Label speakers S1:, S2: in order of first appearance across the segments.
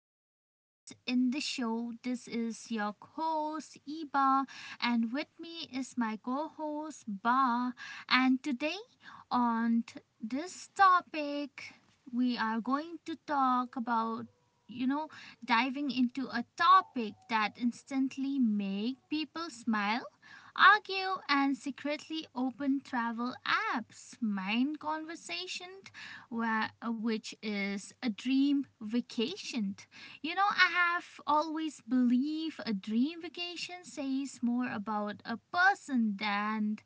S1: the listeners in the show. This is your host, Iba, and with me is my co host, Ba. And today, this topic, we are going to talk about you know diving into a topic that instantly make people smile argue and secretly open travel apps mind conversation where, which is a dream vacation. You know, I have always believed a dream vacation says more about a person than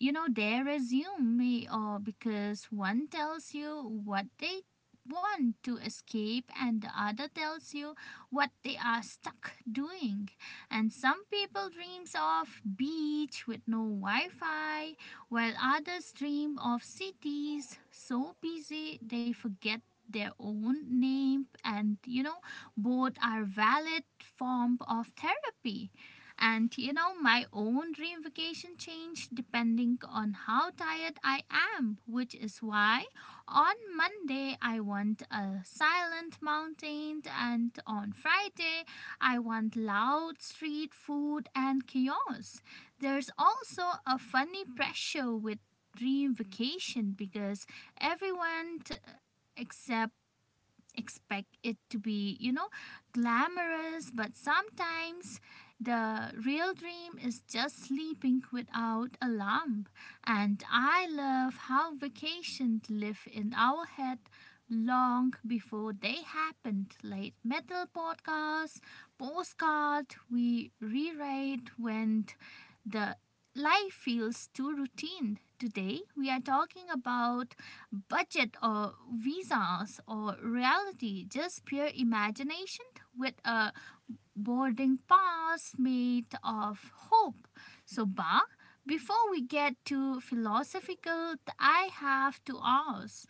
S1: their resume may or because one tells you what they want to escape and the other tells you what they are stuck doing and some people dreams of beach with no wi-fi while others dream of cities so busy they forget their own name, and you know both are valid form of therapy. And you know, my own dream vacation changed depending on how tired I am, which is why on Monday I want a silent mountain, and on Friday I want loud street food and chaos. There's also a funny pressure with dream vacation because everyone t- except expect it to be, you know, glamorous, but sometimes the real dream is just sleeping without a lamp. And I love how vacations live in our head long before they happened. Like metal podcasts, postcard we reread went the life feels too routine. Today, we are talking about budget or visas or reality, just pure imagination with a boarding pass made of hope. So, Ba, before we get too philosophical, I have to ask,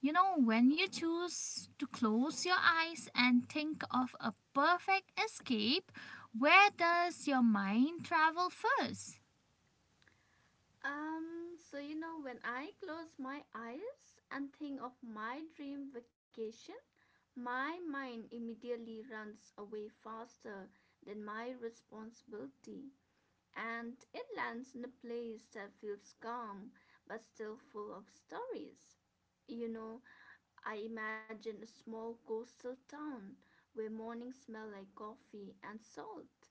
S1: you know, when you choose to close your eyes and think of a perfect escape, where does your mind travel first?
S2: When I close my eyes and think of my dream vacation, my mind immediately runs away faster than my responsibility, and it lands in a place that feels calm but still full of stories. You know, I imagine a small coastal town where mornings smell like coffee and salt,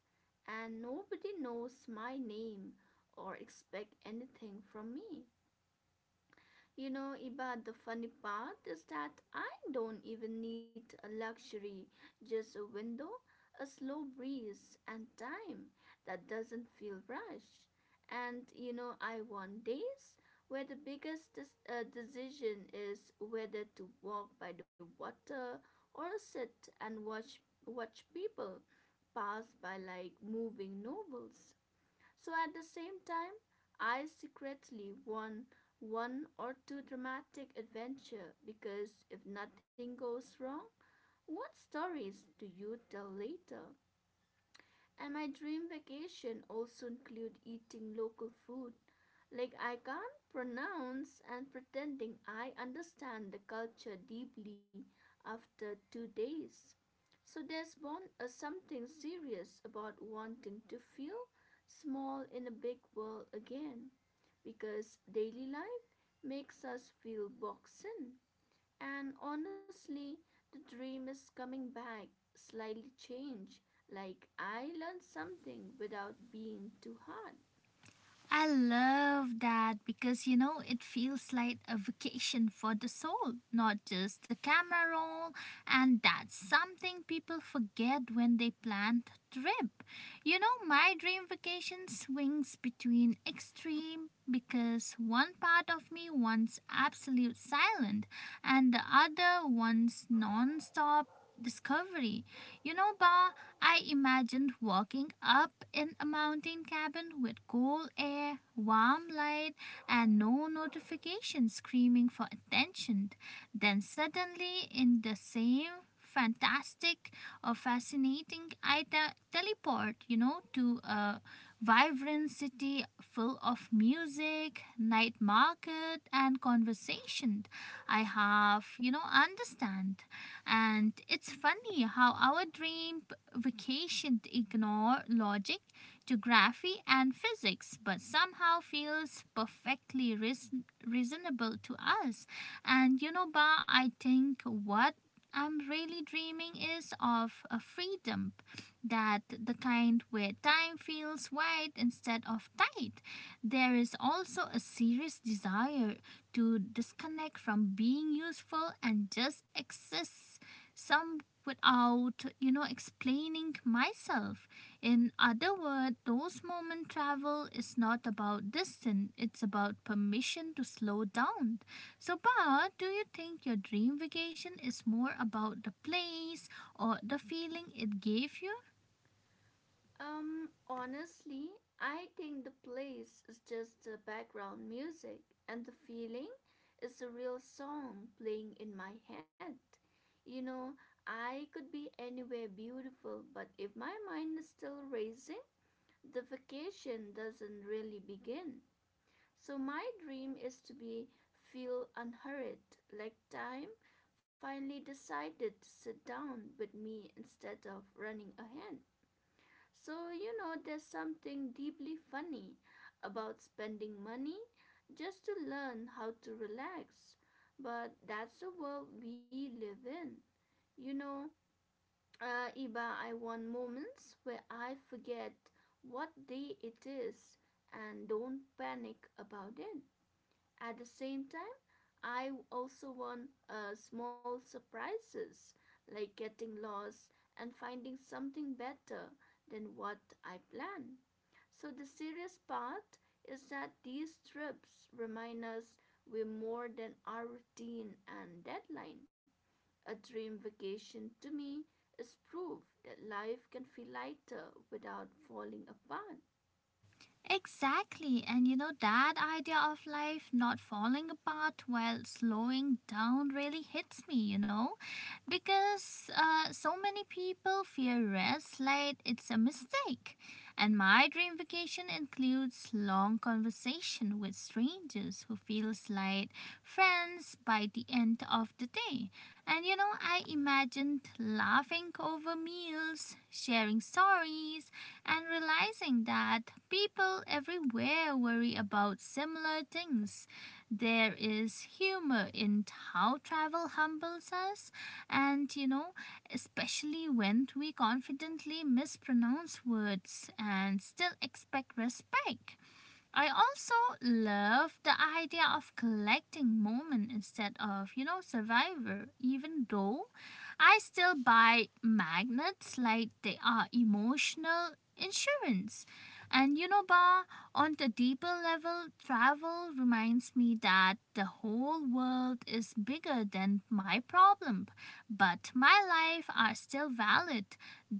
S2: and nobody knows my name or expect anything from me. You know, Iba, the funny part is that I don't even need a luxury, just a window, a slow breeze, and time that doesn't feel rushed. And you know, I want days where the biggest decision is whether to walk by the water or sit and watch people pass by like moving novels. So at the same time, I secretly want one or two dramatic adventure because if nothing goes wrong, what stories do you tell later? And my dream vacation also include eating local food. Like I can't pronounce and pretending I understand the culture deeply after 2 days. So there's born a something serious about wanting to feel small in a big world again because daily life makes us feel boxed in. And honestly, the dream is coming back, slightly changed, like I learned something without being too hard.
S1: I love that because you know it feels like a vacation for the soul, not just the camera roll, and that's something people forget when they plan a trip. You know, my dream vacation swings between extreme because one part of me wants absolute silence and the other wants non-stop discovery. You know, Ba, I imagined walking up in a mountain cabin with cool air, warm light, and no notification screaming for attention. Then, suddenly, in the same fantastic or fascinating, I teleport, you know, to a vibrant city full of music, night market, and conversation. I have, you know, understand. And it's funny how our dream vacation to ignore logic, geography, and physics, but somehow feels perfectly reasonable to us. And you know, Ba, I think what I'm really dreaming is of a freedom, that the kind where time feels wide instead of tight. There is also a serious desire to disconnect from being useful and just exist some without, you know, explaining myself. In other words, those moment travel is not about distance, it's about permission to slow down. So but do you think your dream vacation is more about the place or the feeling it gave you?
S2: Honestly, I think the place is just the background music, and the feeling is a real song playing in my head. You know, I could be anywhere beautiful, but if my mind is still racing, the vacation doesn't really begin. So, my dream is to be feel unhurried, like time finally decided to sit down with me instead of running ahead. So, you know, there's something deeply funny about spending money just to learn how to relax. But that's the world we live in. You know, Iba, I want moments where I forget what day it is and don't panic about it. At the same time, I also want small surprises like getting lost and finding something better than what I planned. So the serious part is that these trips remind us we're more than our routine and deadline. A dream vacation to me is proof that life can feel lighter without falling apart.
S1: Exactly, and you know that idea of life not falling apart while slowing down really hits me, you know, because so many people fear rest like it's a mistake. And my dream vacation includes long conversation with strangers who feels like friends by the end of the day. And you know, I imagined laughing over meals, sharing stories, and realizing that people everywhere worry about similar things. There is humor in how travel humbles us, and you know especially when we confidently mispronounce words and still expect respect. I also love the idea of collecting moment instead of, you know, Survivor, even though I still buy magnets like they are emotional insurance. And you know, Ba, on the deeper level, travel reminds me that the whole world is bigger than my problem, but my life are still valid.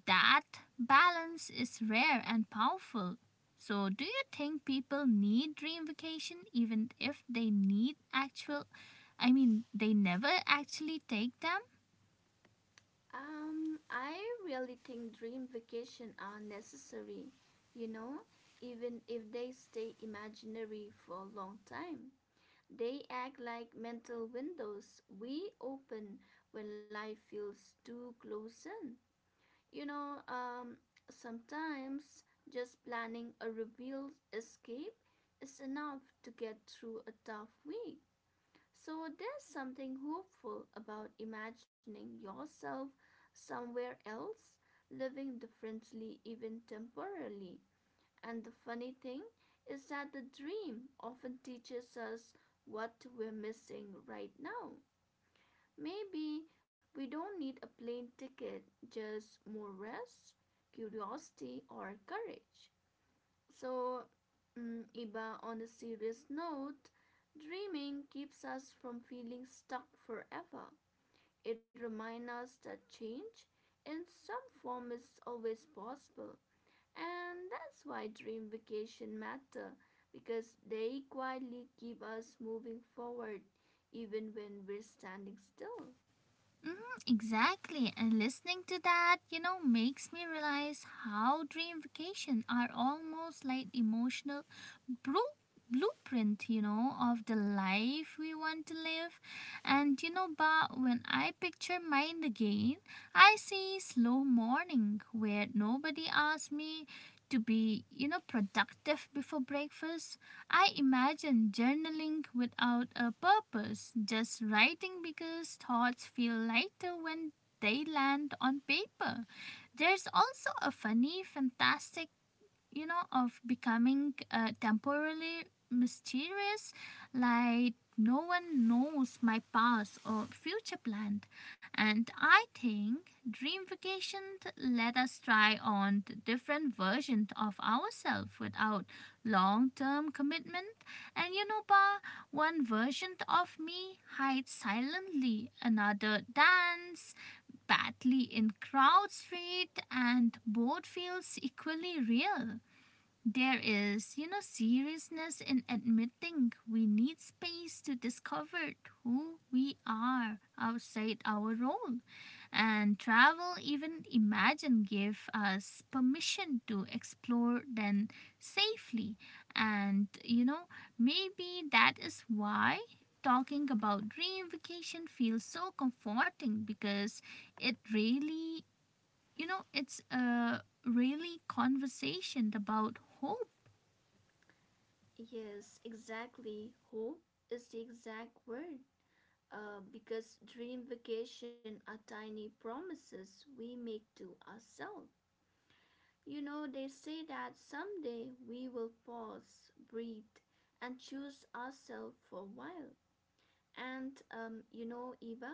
S1: That balance is rare and powerful. So, do you think people need dream vacation even if they need actual, they never actually take them?
S2: I really think dream vacation are necessary, you know, even if they stay imaginary for a long time. They act like mental windows we open when life feels too close in. You know, um, Sometimes just planning a revealed escape is enough to get through a tough week. So there's something hopeful about imagining yourself somewhere else, living differently, even temporarily. And the funny thing is that the dream often teaches us what we're missing right now. Maybe we don't need a plane ticket, just more rest, curiosity, or courage. So, Iba, on a serious note, dreaming keeps us from feeling stuck forever. It reminds us that change in some form is always possible, and that's why dream vacation matter because they quietly keep us moving forward even when we're standing still.
S1: Mhm. Exactly, and listening to that, you know, makes me realize how dream vacation are almost like emotional bru- blueprint, you know, of the life we want to live. And you know, but when I picture mine again, I see slow morning where nobody asks me to be, you know, productive before breakfast. I imagine journaling without a purpose, just writing because thoughts feel lighter when they land on paper. There's also a funny, fantastic, you know, of becoming temporarily mysterious, like no one knows my past or future plan. And I think dream vacation let us try on the different versions of ourselves without long term commitment. And you know, Ba, one version of me hides silently, another dance badly in crowd street, and both feels equally real. There is, you know, seriousness in admitting we need space to discover who we are outside our role. And travel, even imagine, give us permission to explore then safely. And, you know, maybe that is why talking about dream vacation feels so comforting because it really, it's a really conversation about hope.
S2: Yes, exactly. Hope is the exact word. Because dream vacation are tiny promises we make to ourselves. You know, they say that someday we will pause, breathe, and choose ourselves for a while. And you know, Eva,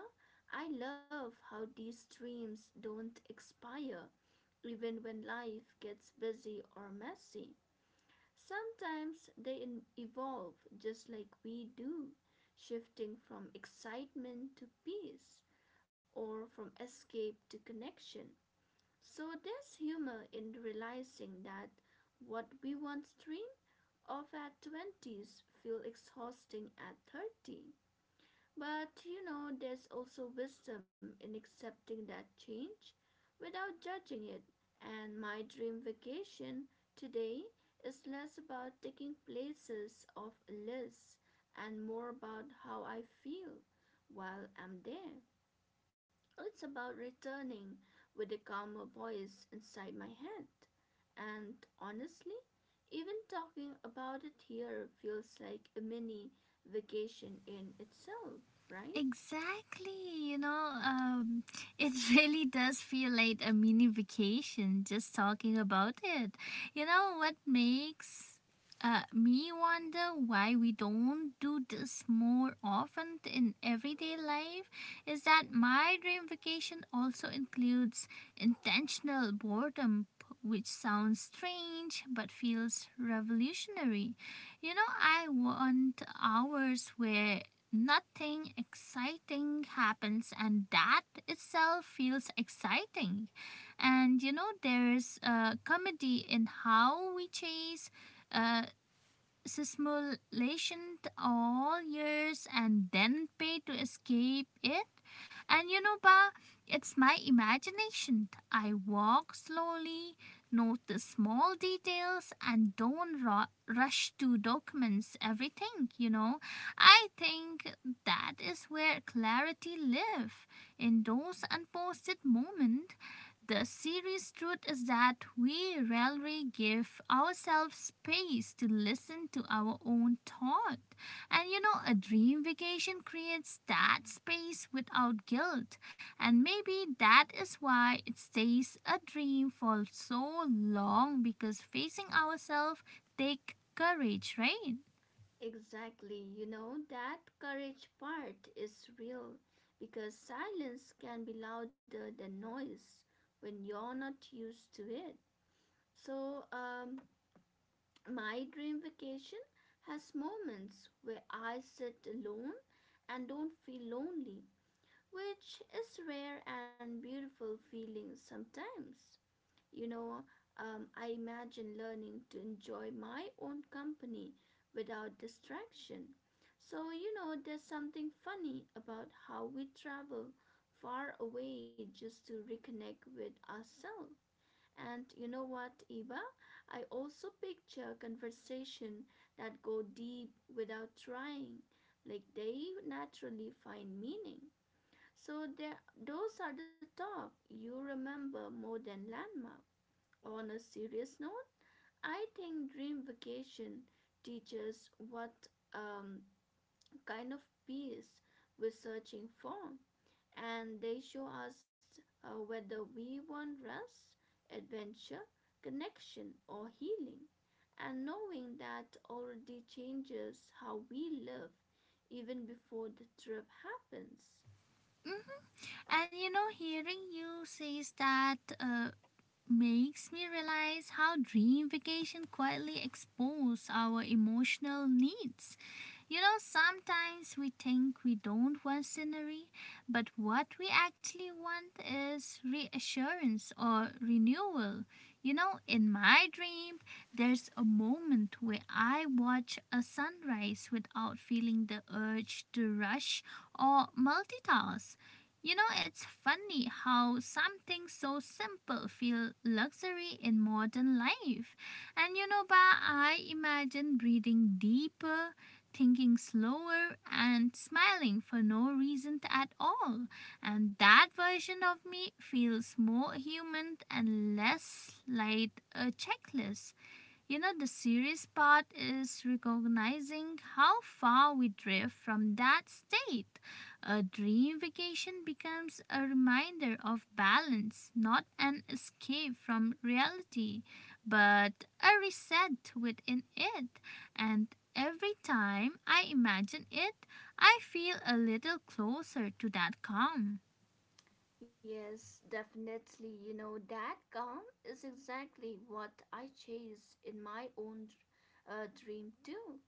S2: I love how these dreams don't expire even when life gets busy or messy. Sometimes they evolve just like we do, shifting from excitement to peace or from escape to connection. So there's humor in realizing that what we once dreamed of at 20s feel exhausting at 30, but you know, there's also wisdom in accepting that change without judging it. And my dream vacation today is less about taking places off a list and more about how I feel while I'm there. It's about returning with a calmer voice inside my head. And honestly, even talking about it here feels like a mini vacation in itself, right?
S1: Exactly, you know, it really does feel like a mini vacation just talking about it. You know what makes me wonder why we don't do this more often in everyday life is that my dream vacation also includes intentional boredom, which sounds strange but feels revolutionary. You know, I want hours where nothing exciting happens and that itself feels exciting. And you know there's a comedy in how we chase uh, simulation all years and then pay to escape it? And you know, Ba, it's my imagination. I walk slowly, notice small details, and don't rush to documents everything, you know. I think that is where clarity live, in those unposted moments. The serious truth is that we rarely give ourselves space to listen to our own thought. And you know, a dream vacation creates that space without guilt. And maybe that is why it stays a dream for so long, because facing ourselves take courage, right?
S2: Exactly. You know, that courage part is real because silence can be louder than noise when you're not used to it. So, my dream vacation has moments where I sit alone and don't feel lonely, which is rare and beautiful feeling sometimes. You know, I imagine learning to enjoy my own company without distraction. So, you know, there's something funny about how we travel far away just to reconnect with ourselves. And you know what, Iba? I also picture conversation that go deep without trying, like they naturally find meaning. So there, those are the talk you remember more than landmark. On a serious note, I think dream vacation teaches what um, kind of peace we're searching for, and they show us whether we want rest, adventure, connection, or healing. And knowing that already changes how we live even before the trip happens.
S1: And you know, hearing you says that uh, makes me realize how dream vacation quietly expose our emotional needs. You know, sometimes we think we don't want scenery, but what we actually want is reassurance or renewal. You know, in my dream, there's a moment where I watch a sunrise without feeling the urge to rush or multitask. You know, it's funny how something so simple feels luxury in modern life. And you know, Ba, I imagine breathing deeper, thinking slower, and smiling for no reason at all. And that version of me feels more human and less like a checklist. You know, the serious part is recognizing how far we drift from that state. A dream vacation becomes a reminder of balance, not an escape from reality, but a reset within it. And every time I imagine it, I feel a little closer to that calm.
S2: Yes, definitely. You know, that calm is exactly what I chase in my own dream too.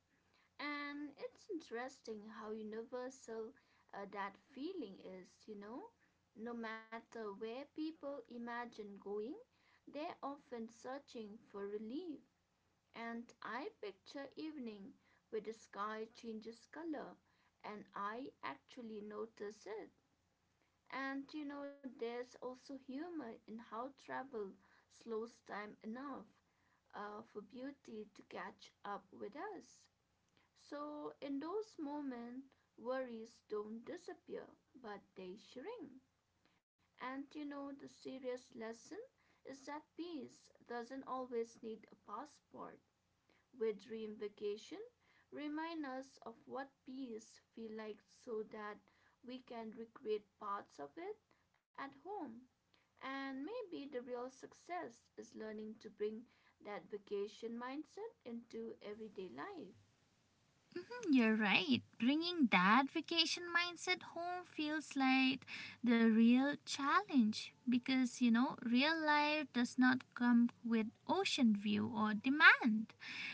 S2: And it's interesting how universal that feeling is, you know. No matter where people imagine going, they're often searching for relief. And I picture evening where the sky changes color and I actually notice it. And you know, there's also humor in how travel slows time enough for beauty to catch up with us. So, in those moments, worries don't disappear, but they shrink. And you know, the serious lesson is that peace doesn't always need a passport. With dream vacation, remind us of what peace feel like so that we can recreate parts of it at home. And maybe the real success is learning to bring that vacation mindset into everyday life.
S1: You're right. Bringing that vacation mindset home feels like the real challenge because, you know, real life does not come with ocean view or demand.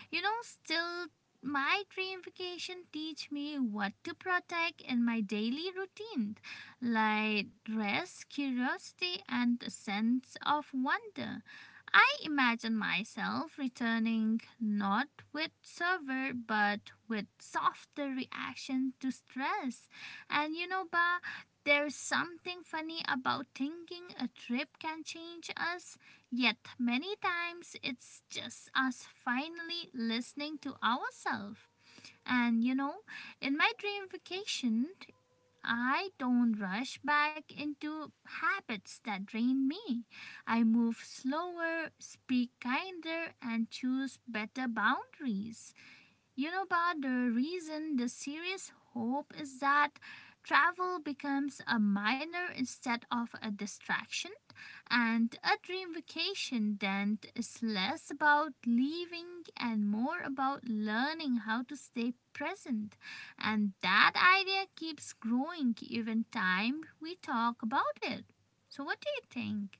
S1: You know, still, my dream vacation teach me what to protect in my daily routine, like rest, curiosity, and a sense of wonder. I imagine myself returning not with fervor but with softer reaction to stress. And you know, Ba, there's something funny about thinking a trip can change us, yet, many times it's just us finally listening to ourselves. And you know, in my dream vacation, I don't rush back into habits that drain me. I move slower, speak kinder, and choose better boundaries. You know, but the serious hope is that travel becomes a minor instead of a distraction, and a dream vacation then is less about leaving and more about learning how to stay present. And that idea keeps growing even time we talk about it. So, what do you think?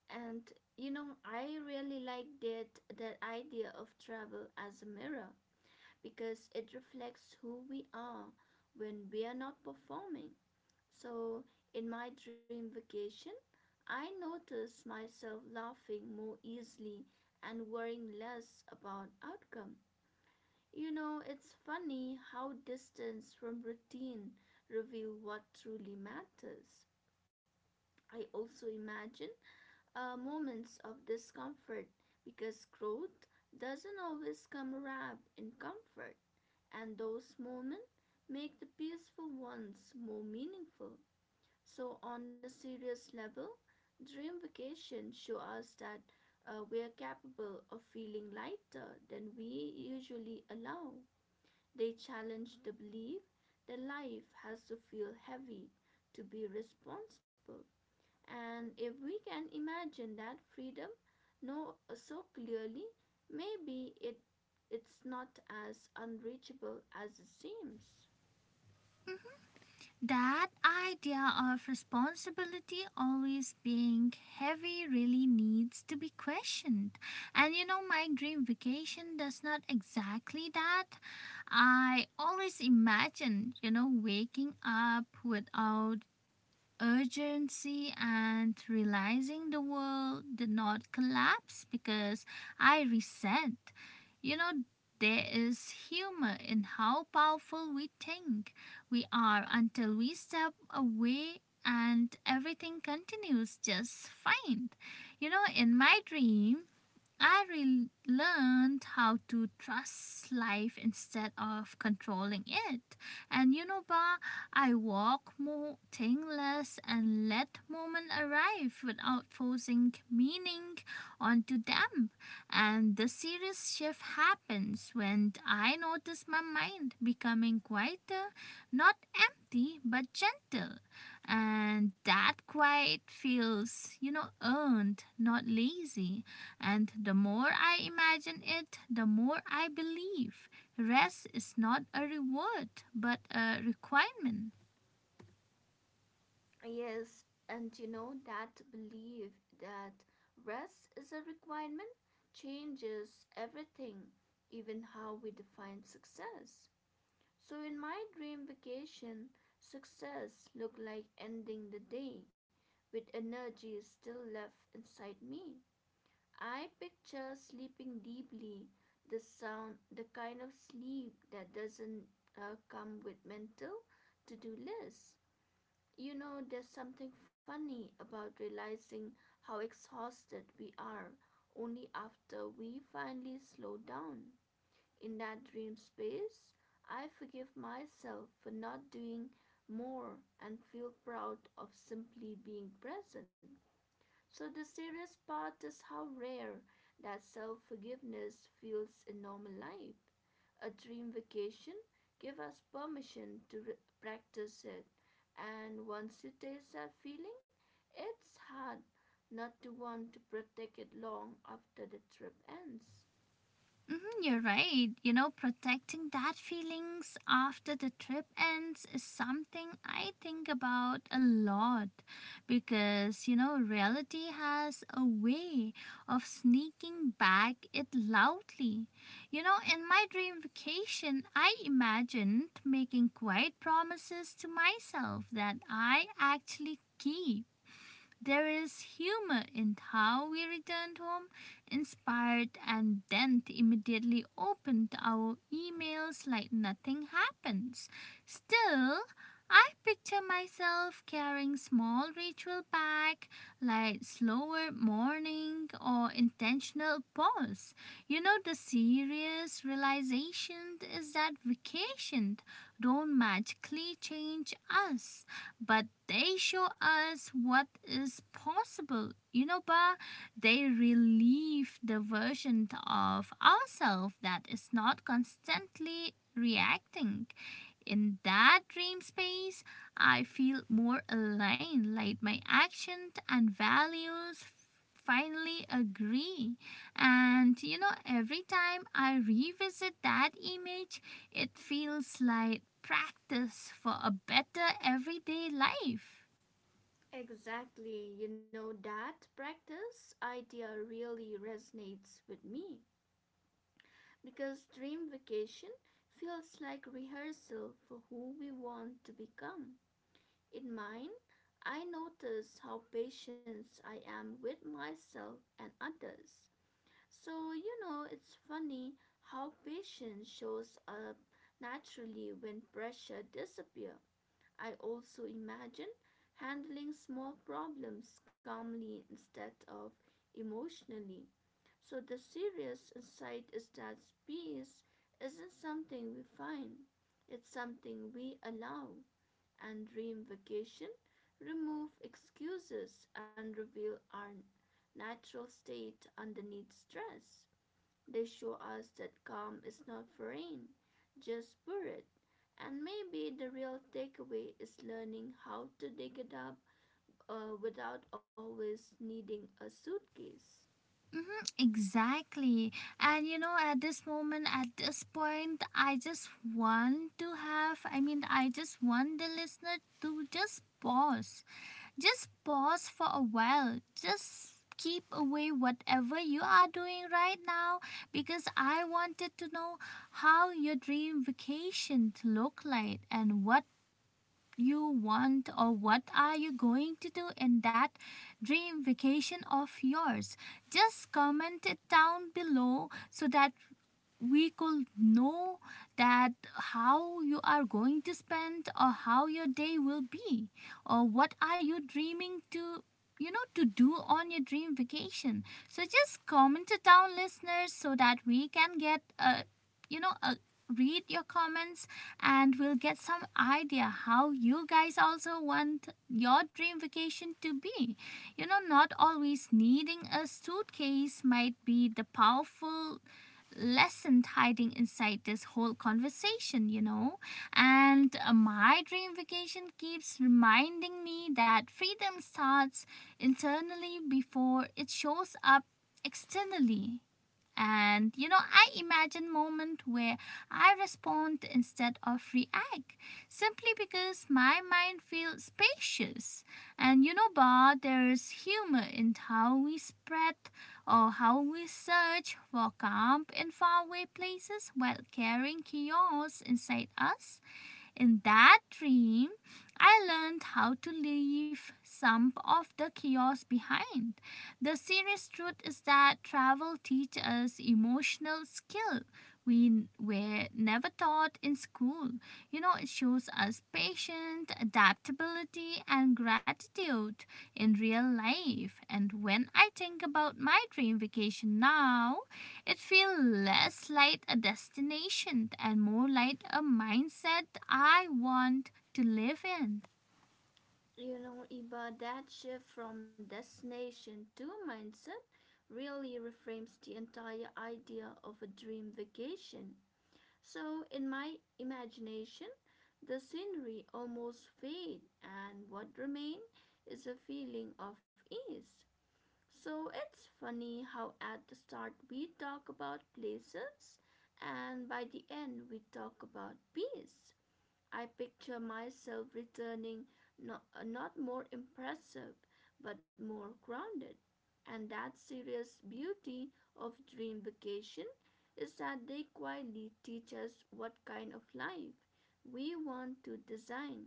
S2: And you know, I really like that that idea of travel as a mirror because it reflects who we are when we are not performing. So, in my dream vacation, I notice myself laughing more easily and worrying less about outcome. You know, it's funny how distance from routine reveal what truly matters. I also imagine moments of discomfort because growth doesn't always come wrapped in comfort, and those moments make the peaceful ones more meaningful. So, on a serious level, dream vacation show us that we are capable of feeling lighter than we usually allow. They challenge the belief that life has to feel heavy to be responsible. And if we can imagine that freedom no so clearly, maybe it's not as unreachable as it seems.
S1: That idea of responsibility always being heavy really needs to be questioned. And you know, my dream vacation does not exactly that. I always imagine, you know, waking up without urgency and realizing the world did not collapse because I resent. You know, there is humor in how powerful we think we are until we step away and everything continues just fine. You know, in my dream, I learned how to trust life instead of controlling it. And you know, Ba, I walk more, think less, and let moment arrive without forcing meaning onto them. And the serious shift happens when I notice my mind becoming quieter, not empty, but gentle. And that quiet feels, you know, earned, not lazy. And the more I imagine it, the more I believe. Rest is not a reward, but a requirement.
S2: Yes, and you know that belief that rest is a requirement changes everything, even how we define success. So, in my dream vacation, success looked like ending the day with energy still left inside me. I picture sleeping deeply, the sound, the kind of sleep that doesn't come with mental to do lists. You know, there's something funny about realizing how exhausted we are only after we finally slow down. In that dream space, I forgive myself for not doing more and feel proud of simply being present. So, the serious part is how rare that self forgiveness feels in normal life. A dream vacation gives us permission to practice it, and once you taste that feeling, it's hard not to want to protect it long after the trip ends.
S1: Mhm. You're right. You know, protecting that feelings after the trip ends is something I think about a lot because, you know, reality has a way of sneaking back it loudly. You know, in my dream vacation, I imagined making quiet promises to myself that I actually keep. There is humor in how we returned home inspired and then immediately opened our emails like nothing happens. Still, I picture myself carrying small ritual back like slower morning or intentional pause. You know the serious realization is that vacation don't magically change us, but they show us what is possible. But they relieve the version of ourselves that is not constantly reacting. In that dream space, I feel more aligned, like my actions and values finally agree. And you know, every time I revisit that image, it feels like practice for a better everyday life.
S2: Exactly. You know, that practice idea really resonates with me because dream vacation feels like rehearsal for who we want to become. In mine, I notice how patient I am with myself and others. So, you know, it's funny how patience shows up naturally when pressure disappears. I also imagine handling small problems calmly instead of emotionally. So the serious insight is that peace isn't something we find, it's something we allow. And dream vacation remove excuses and reveal our natural state underneath stress. They show us that calm is not foreign, just buried. And maybe the real takeaway is learning how to dig it up without always needing a suitcase.
S1: Hmm, exactly. And you know, at this moment, at this point, I just want to have, I just want the listener to just pause. Just pause for a while. Just keep away whatever you are doing right now, because I wanted to know how your dream vacation to look like, and what you want, or what are you going to do in that dream vacation of yours. Just comment it down below so that we could know that how you are going to spend or how your day will be, or what are you dreaming to, to do on your dream vacation. So just comment it down, listeners, so that we can get a, a, read your comments, and we'll get some idea how you guys also want your dream vacation to be. You know, not always needing a suitcase might be the powerful lesson hiding inside this whole conversation, you know. And my dream vacation keeps reminding me that freedom starts internally before it shows up externally. And you know, I imagine moment where I respond instead of react simply because my mind feels spacious. But there is humor in how we spread or how we search for calm in faraway places while carrying chaos inside us. In that dream, I learned how to leave some of the chaos behind. The serious truth is that travel teaches us emotional skill we were never taught in school. You know, it shows us patience, adaptability, and gratitude in real life. And when I think about my dream vacation now, it feels less like a destination and more like a mindset I want to live in.
S2: You know, Iba, that shift from destination to mindset really reframes the entire idea of a dream vacation. So, in my imagination, the scenery almost fades, and what remains is a feeling of ease. So it's funny how at the start we talk about places and by the end we talk about bees. I picture myself returning not more impressive but more grounded. And that serious beauty of dream vacation is that they quietly teach us what kind of life we want to design,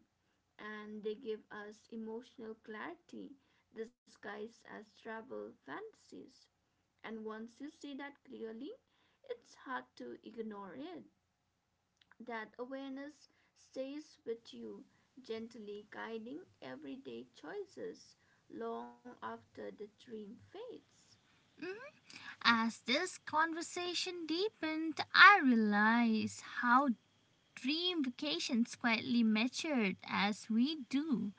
S2: and they give us emotional clarity disguised as travel fantasies. And once you see that clearly, it's hard to ignore it. That awareness stays with you, gently guiding everyday choices long after the dream fades.
S1: Mhm. As this conversation deepened, I realized how dream vacations quietly matured as we do.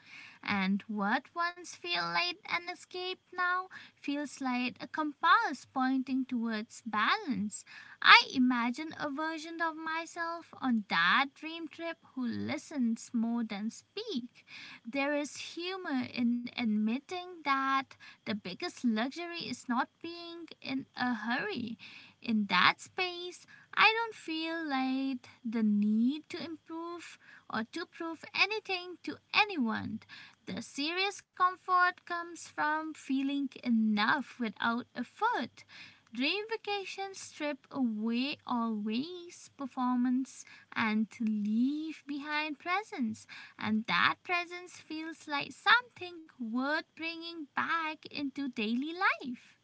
S1: And what once felt like an escape now feels like a compass pointing towards balance. I imagine a version of myself on that dream trip who listens more than speak. There is humor in admitting that the biggest luxury is not being in a hurry. In that space, I don't feel like the need to improve or to prove anything to anyone. The serious comfort comes from feeling enough without effort. Dream vacations strip away always performance and leave behind presence, and that presence feels like something worth bringing back into daily life.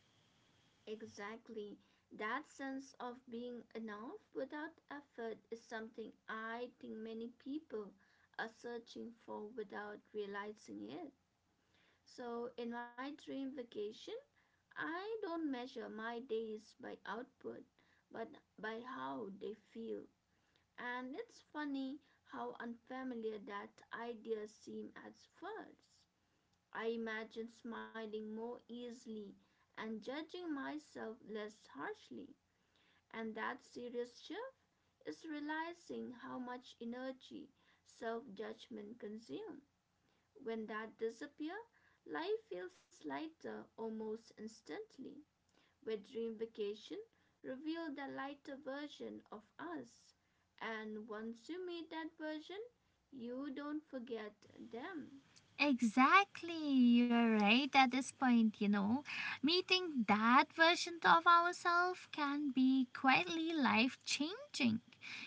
S2: Exactly. That sense of being enough without effort is something I think many people are searching for without realizing it. So, in my dream vacation, I don't measure my days by output, but by how they feel. And it's funny how unfamiliar that idea seemed at first. I imagine smiling more easily and judging myself less harshly. And that serious shift is realizing how much energy self judgment consumes. When that disappears, life feels lighter almost instantly, where dream vacation revealed the lighter version of us. And once you meet that version, you don't forget them.
S1: Exactly, you're right at this point, you know. Meeting that version of ourselves can be quietly life changing.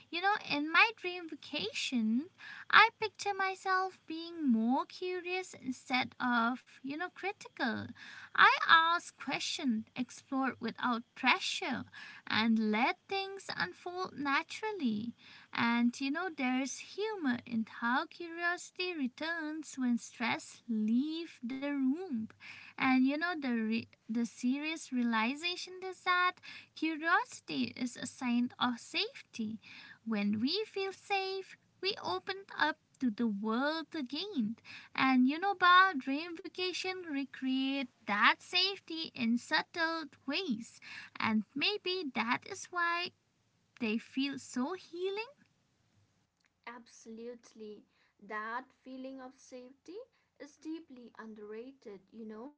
S1: You know, in my dream vacation, I picture myself being more curious instead of, you know, critical. I ask questions, explore without pressure, and let things unfold naturally. And you know, there's humor in how curiosity returns when stress leaves the room. And you know, the serious realization is that curiosity is a sign of safety. When we feel safe, we open up to the world again. And you know, Ba, dream vacation recreate that safety in subtle ways. And maybe that is why they feel so healing.
S2: Absolutely. That feeling of safety is deeply underrated, you know,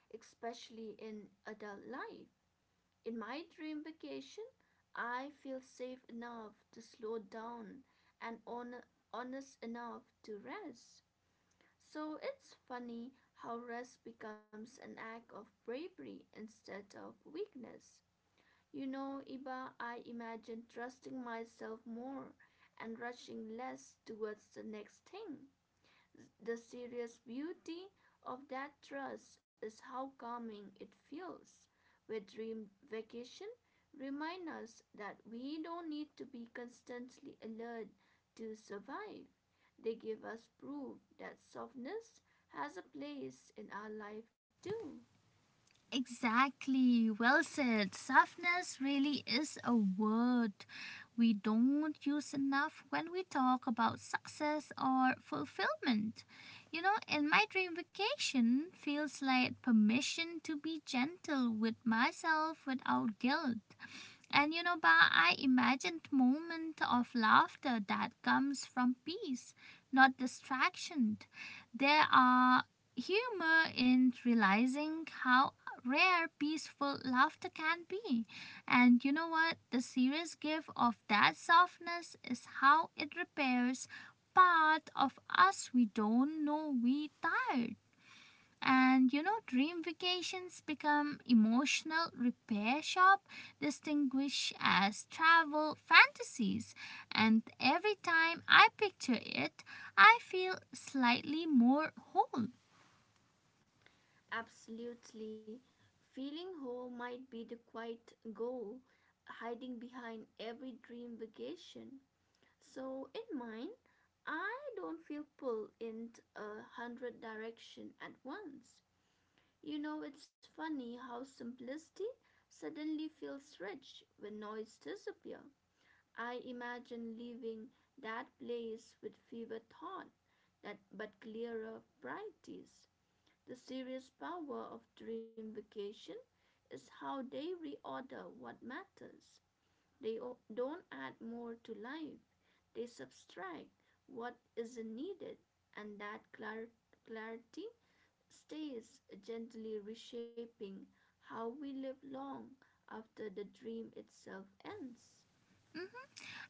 S2: especially in adult life. In my dream vacation, I feel safe enough to slow down and honest enough to rest. So it's funny how rest becomes an act of bravery instead of weakness. You know, Iba, I imagine trusting myself more and rushing less towards the next thing. The serious beauty of that trust is how calming it feels. Where dream vacation remind us that we don't need to be constantly alert to survive. They give us proof that softness has a place in our life too.
S1: Exactly. Well said. Softness really is a word we don't use enough when we talk about success or fulfillment. You know, in my dream vacation feels like permission to be gentle with myself without guilt. And you know, Ba, I imagined moment of laughter that comes from peace, not distraction. There are humor in realizing how rare peaceful laughter can be. And you know what? The serious gift of that softness is how it repairs part of us we don't know we tired. And you know, dream vacations become emotional repair shop, distinguished as travel fantasies. And every time I picture it, I feel slightly more whole.
S2: Absolutely. Feeling whole might be the quiet goal hiding behind every dream vacation. So, in mine, I don't feel pulled in a hundred direction at once. You know, it's funny how simplicity suddenly feels rich when noise disappears. I imagine leaving that place with fewer thoughts, that but clearer priorities. The serious power of dream vacation is how they reorder what matters. They don't add more to life. They subtract what isn't needed, and that clarity stays gently reshaping how we live long after the dream itself ends.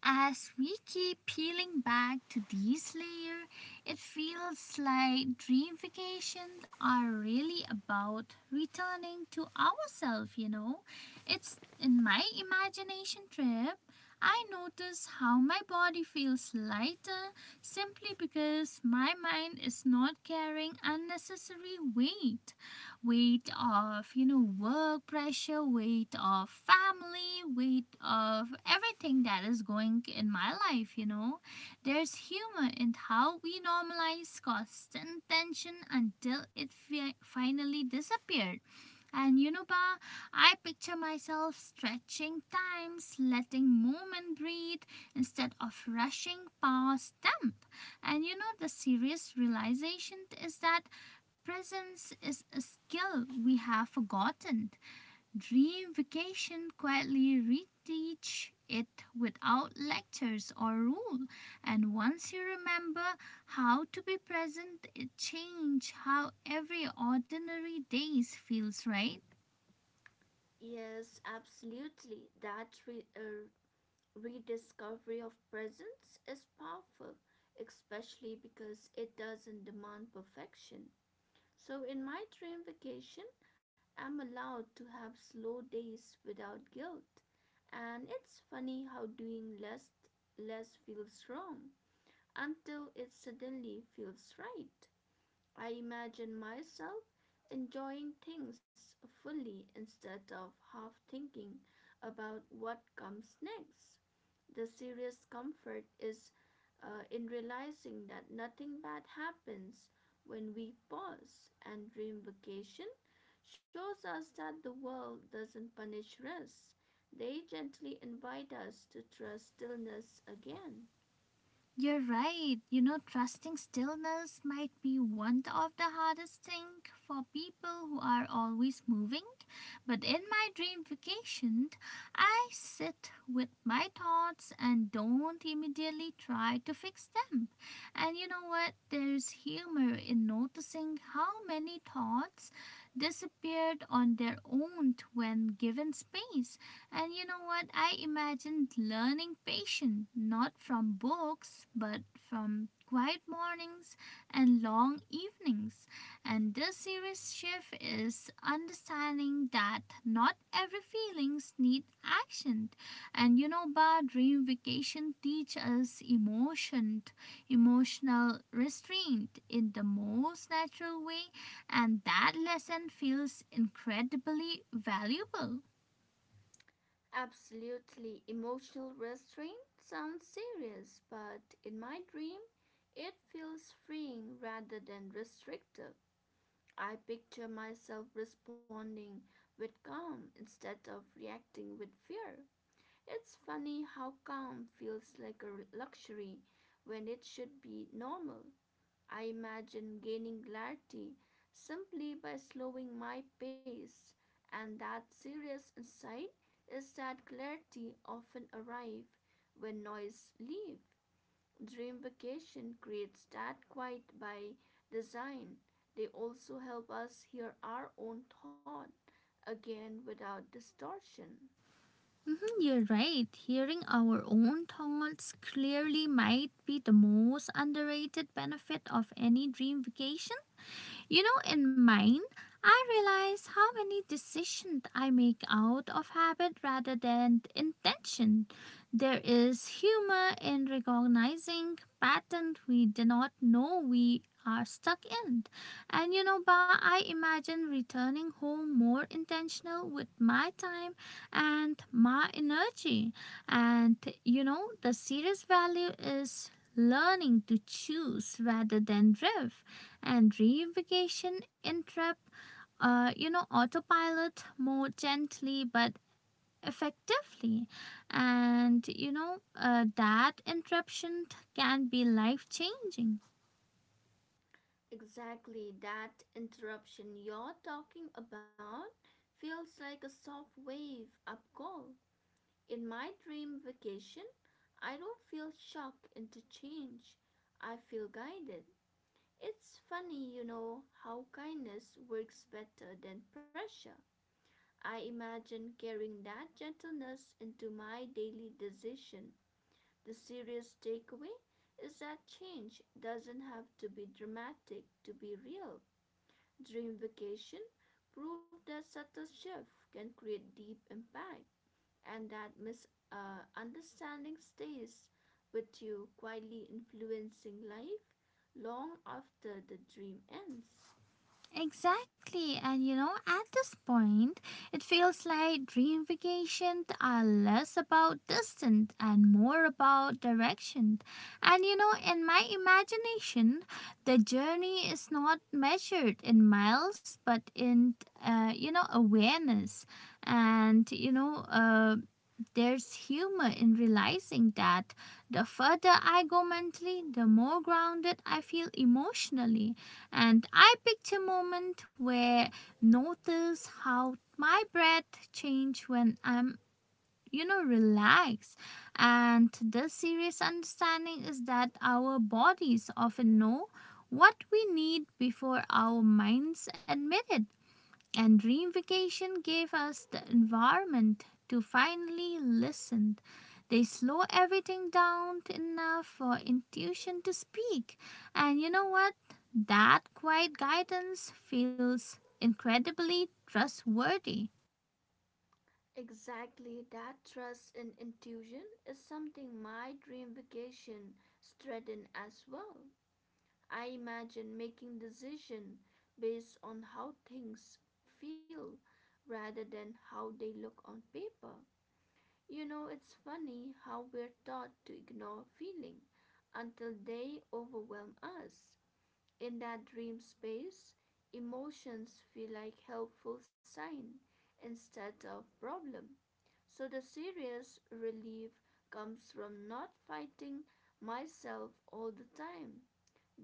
S1: As we keep peeling back to this layer, it feels like dream vacations are really about returning to ourselves, you know. It's in my imagination trip, I notice how my body feels lighter simply because my mind is not carrying unnecessary weight, weight of, you know, work pressure, weight of family, weight of everything that is going in my life, you know. There's humor in how we normalize constant tension until it finally disappeared. And you know, Pa, I picture myself stretching times, letting moment breathe instead of rushing past them. And you know, the serious realization is that presence is a skill we have forgotten. Dream vacation quietly reteach it without lectures or rule. And once you remember how to be present, it change how every ordinary days feels, right?
S2: Yes, absolutely. That rediscovery of presence is powerful, especially because it doesn't demand perfection. So, in my dream vacation, I'm allowed to have slow days without guilt. And it's funny how doing less feels wrong until it suddenly feels right. I imagine myself enjoying things fully instead of half thinking about what comes next. The serious comfort is in realizing that nothing bad happens when we pause, and dream vacation shows us that the world doesn't punish rest. They gently invite us to trust stillness again.
S1: You're right. You know, trusting stillness might be one of the hardest things for people who are always moving. But in my dream vacation, I sit with my thoughts and don't immediately try to fix them. And you know what? There's humor in noticing how many thoughts disappeared on their own when given space. And you know what? I imagined learning patience not from books but from quiet mornings and long evenings. And this series shift is understanding that not every feelings need action. And you know, Bar dream vacation teach us emotional restraint in the most natural way, and that lesson feels incredibly valuable.
S2: Absolutely. Emotional restraint sounds serious, but in my dream, it feels freeing rather than restrictive. I picture myself responding with calm instead of reacting with fear. It's funny how calm feels like a luxury when it should be normal. I imagine gaining clarity simply by slowing my pace, and that serious insight is that clarity often arrives when noise leaves. Dream vacation creates that quiet by design. They also help us hear our own thought again without distortion.
S1: Mhm, you're right. Hearing our own thoughts clearly might be the most underrated benefit of any dream vacation. You know, in mine, I realize how many decisions I make out of habit rather than intention. There is humor in recognizing patterns we do not know we are stuck in. And you know, Ba, I imagine returning home more intentional with my time and my energy. And you know, the serious value is learning to choose rather than drift and reification entrap, you know, autopilot more gently but effectively. And, you know, that interruption can be life changing.
S2: Exactly, that interruption you're talking about feels like a soft wave up call. In my dream vacation, I don't feel shock into change. I feel guided. It's funny, you know, how kindness works better than pressure. I imagine carrying that gentleness into my daily decision. The serious takeaway is that change doesn't have to be dramatic to be real. Dream vacation proved that subtle shift can create deep impact and that misunderstanding stays with you, quietly influencing life long after the dream ends.
S1: Exactly, and you know, at this point, it feels like dream vacations are less about distance and more about direction. And you know, in my imagination, the journey is not measured in miles but in, you know, awareness. And you know, there's humor in realizing that the further I go mentally, the more grounded I feel emotionally. And I picked a moment where notice how my breath change when I'm, you know, relaxed. And the serious understanding is that our bodies often know what we need before our minds admit it. And dream vacation gave us the environment to finally listen. They slow everything down enough for intuition to speak. And you know what? That quiet guidance feels incredibly trustworthy.
S2: Exactly, that trust in intuition is something my dream vacation strengthened as well. I imagine making decisions based on how things feel rather than how they look on paper. You know, it's funny how we're taught to ignore feeling until they overwhelm us. In that dream space, emotions feel like helpful sign instead of problem. So the serious relief comes from not fighting myself all the time.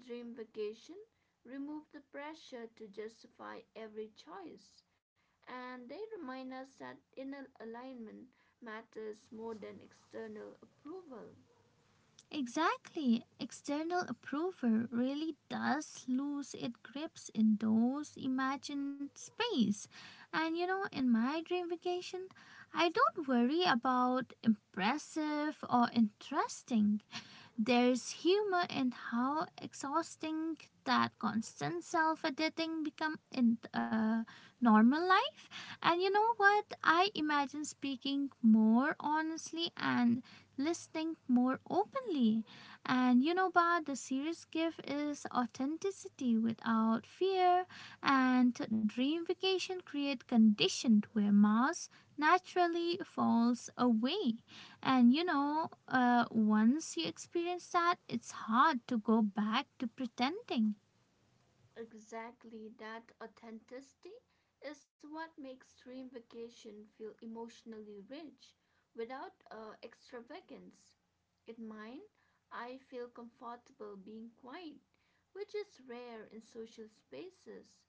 S2: Dream Vacation remove the pressure to justify every choice, and they remind us that inner alignment matters more than external approval.
S1: Exactly. External approval really does lose its grips in those imagined space. And you know, in my dream vacation, I don't worry about impressive or interesting. There's humor in how exhausting that constant self-editing become in normal life. And you know what? I imagine speaking more honestly and listening more openly. But the serious gift is authenticity without fear. And dream vacation create condition where mass naturally falls away. And you know, once you experience that, it's hard to go back to pretending.
S2: Exactly, that authenticity is what makes Dream Vacation feel emotionally rich. Without extravagance, in mine, I feel comfortable being quiet, which is rare in social spaces.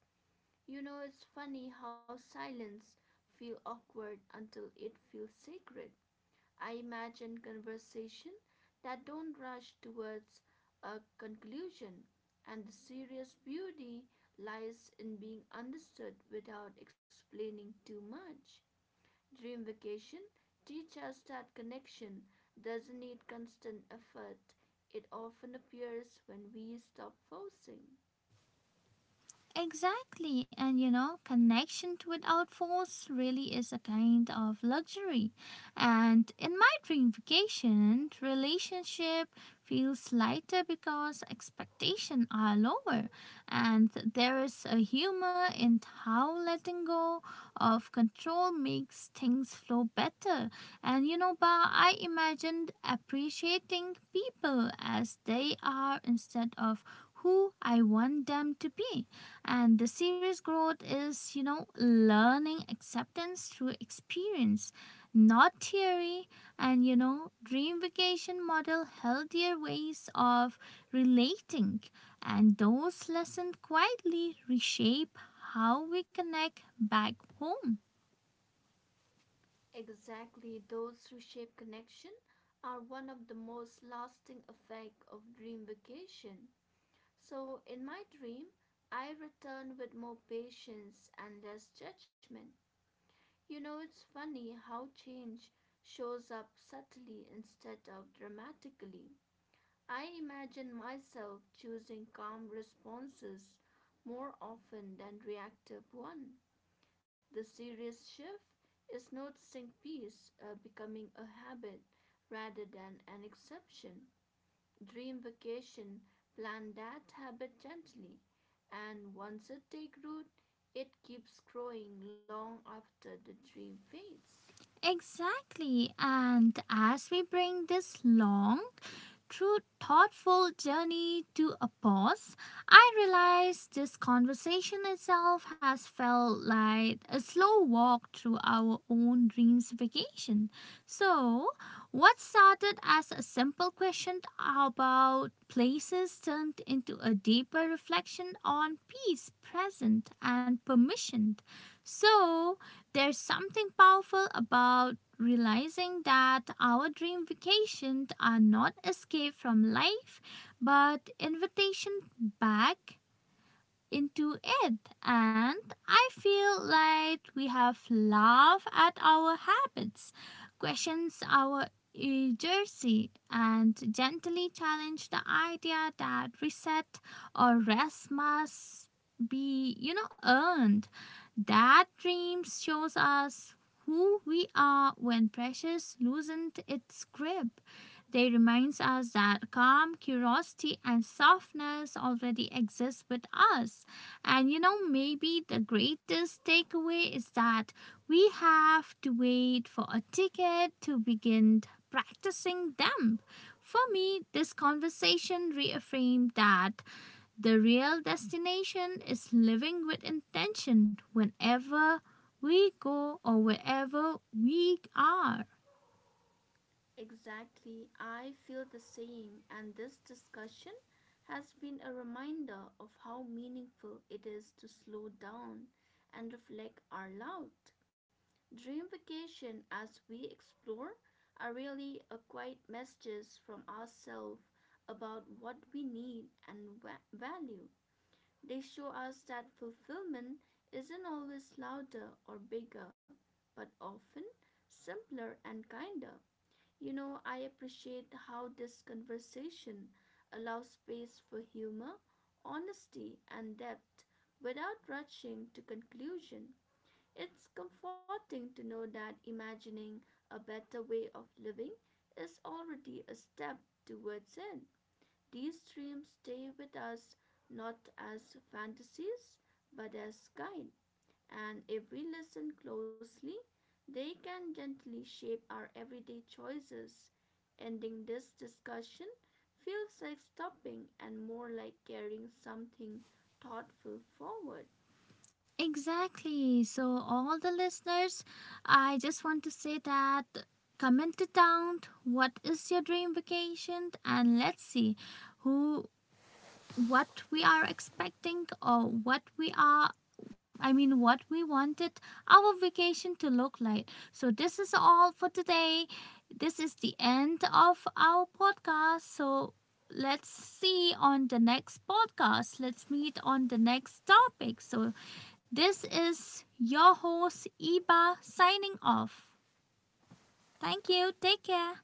S2: You know, it's funny how silence feels awkward until it feels sacred. I imagine conversation that don't rush towards a conclusion, and the serious beauty lies in being understood without explaining too much. Dream vacation teaches us that connection doesn't need constant effort. It often appears when we stop forcing.
S1: Exactly, and you know, connection without force really is a kind of luxury. And in my dream vacation, relationship feels lighter because expectations are lower, and there is a humor in how letting go of control makes things flow better. And you know, Ba, I imagined appreciating people as they are instead of who I want them to be. And the serious growth is, you know, learning acceptance through experience, not theory. And, you know, dream vacation model healthier ways of relating. And those lessons quietly reshape how we connect back home.
S2: Exactly, those who shape connection are one of the most lasting effect of dream vacation. So in my dream, I returned with more patience and less judgment. You know, it's funny how change shows up subtly instead of dramatically. I imagine myself choosing calm responses more often than reactive ones. The serious shift is noticing peace becoming a habit rather than an exception. Dream vacation, plan that habit gently, and once it takes root, it keeps growing long after the dream fades.
S1: Exactly. And as we bring this long, true, thoughtful journey to a pause, I realize this conversation itself has felt like a slow walk through our own dreams vacation. So, what started as a simple question about places turned into a deeper reflection on peace, present, and permission. So, there's something powerful about realizing that our dream vacations are not escape from life but invitation back into it, and I feel like we have laughed at our habits, questions our urgency, and gently challenge the idea that reset or rest must be, you know, earned. That dream shows us who we are when pressures loosened its grip. They reminds us that calm, curiosity, and softness already exist with us. And you know, maybe the greatest takeaway is that we have to wait for a ticket to begin practicing them. For me, this conversation reaffirmed that the real destination is living with intention whenever we go or wherever we are.
S2: Exactly, I feel the same, and this discussion has been a reminder of how meaningful it is to slow down and reflect aloud. Dream vacation as we explore are really a quiet messages from ourselves about what we need and value. They show us that fulfillment isn't always louder or bigger, but often simpler and kinder. You know, I appreciate how this conversation allows space for humor, honesty, and depth without rushing to conclusion. It's comforting to know that imagining a better way of living is already a step towards it. These dreams stay with us not as fantasies but as guide, and if we listen closely, they can gently shape our everyday choices. Ending this discussion feels like stopping and more like carrying something thoughtful forward.
S1: Exactly. So, all the listeners, I just want to say that comment it down. What is your dream vacation? And let's see who, what we are expecting or what we are. What we wanted our vacation to look like. So, this is all for today. This is the end of our podcast. So, let's see on the next podcast. Let's meet on the next topic. So, this is your host, Iba, signing off. Thank you. Take care.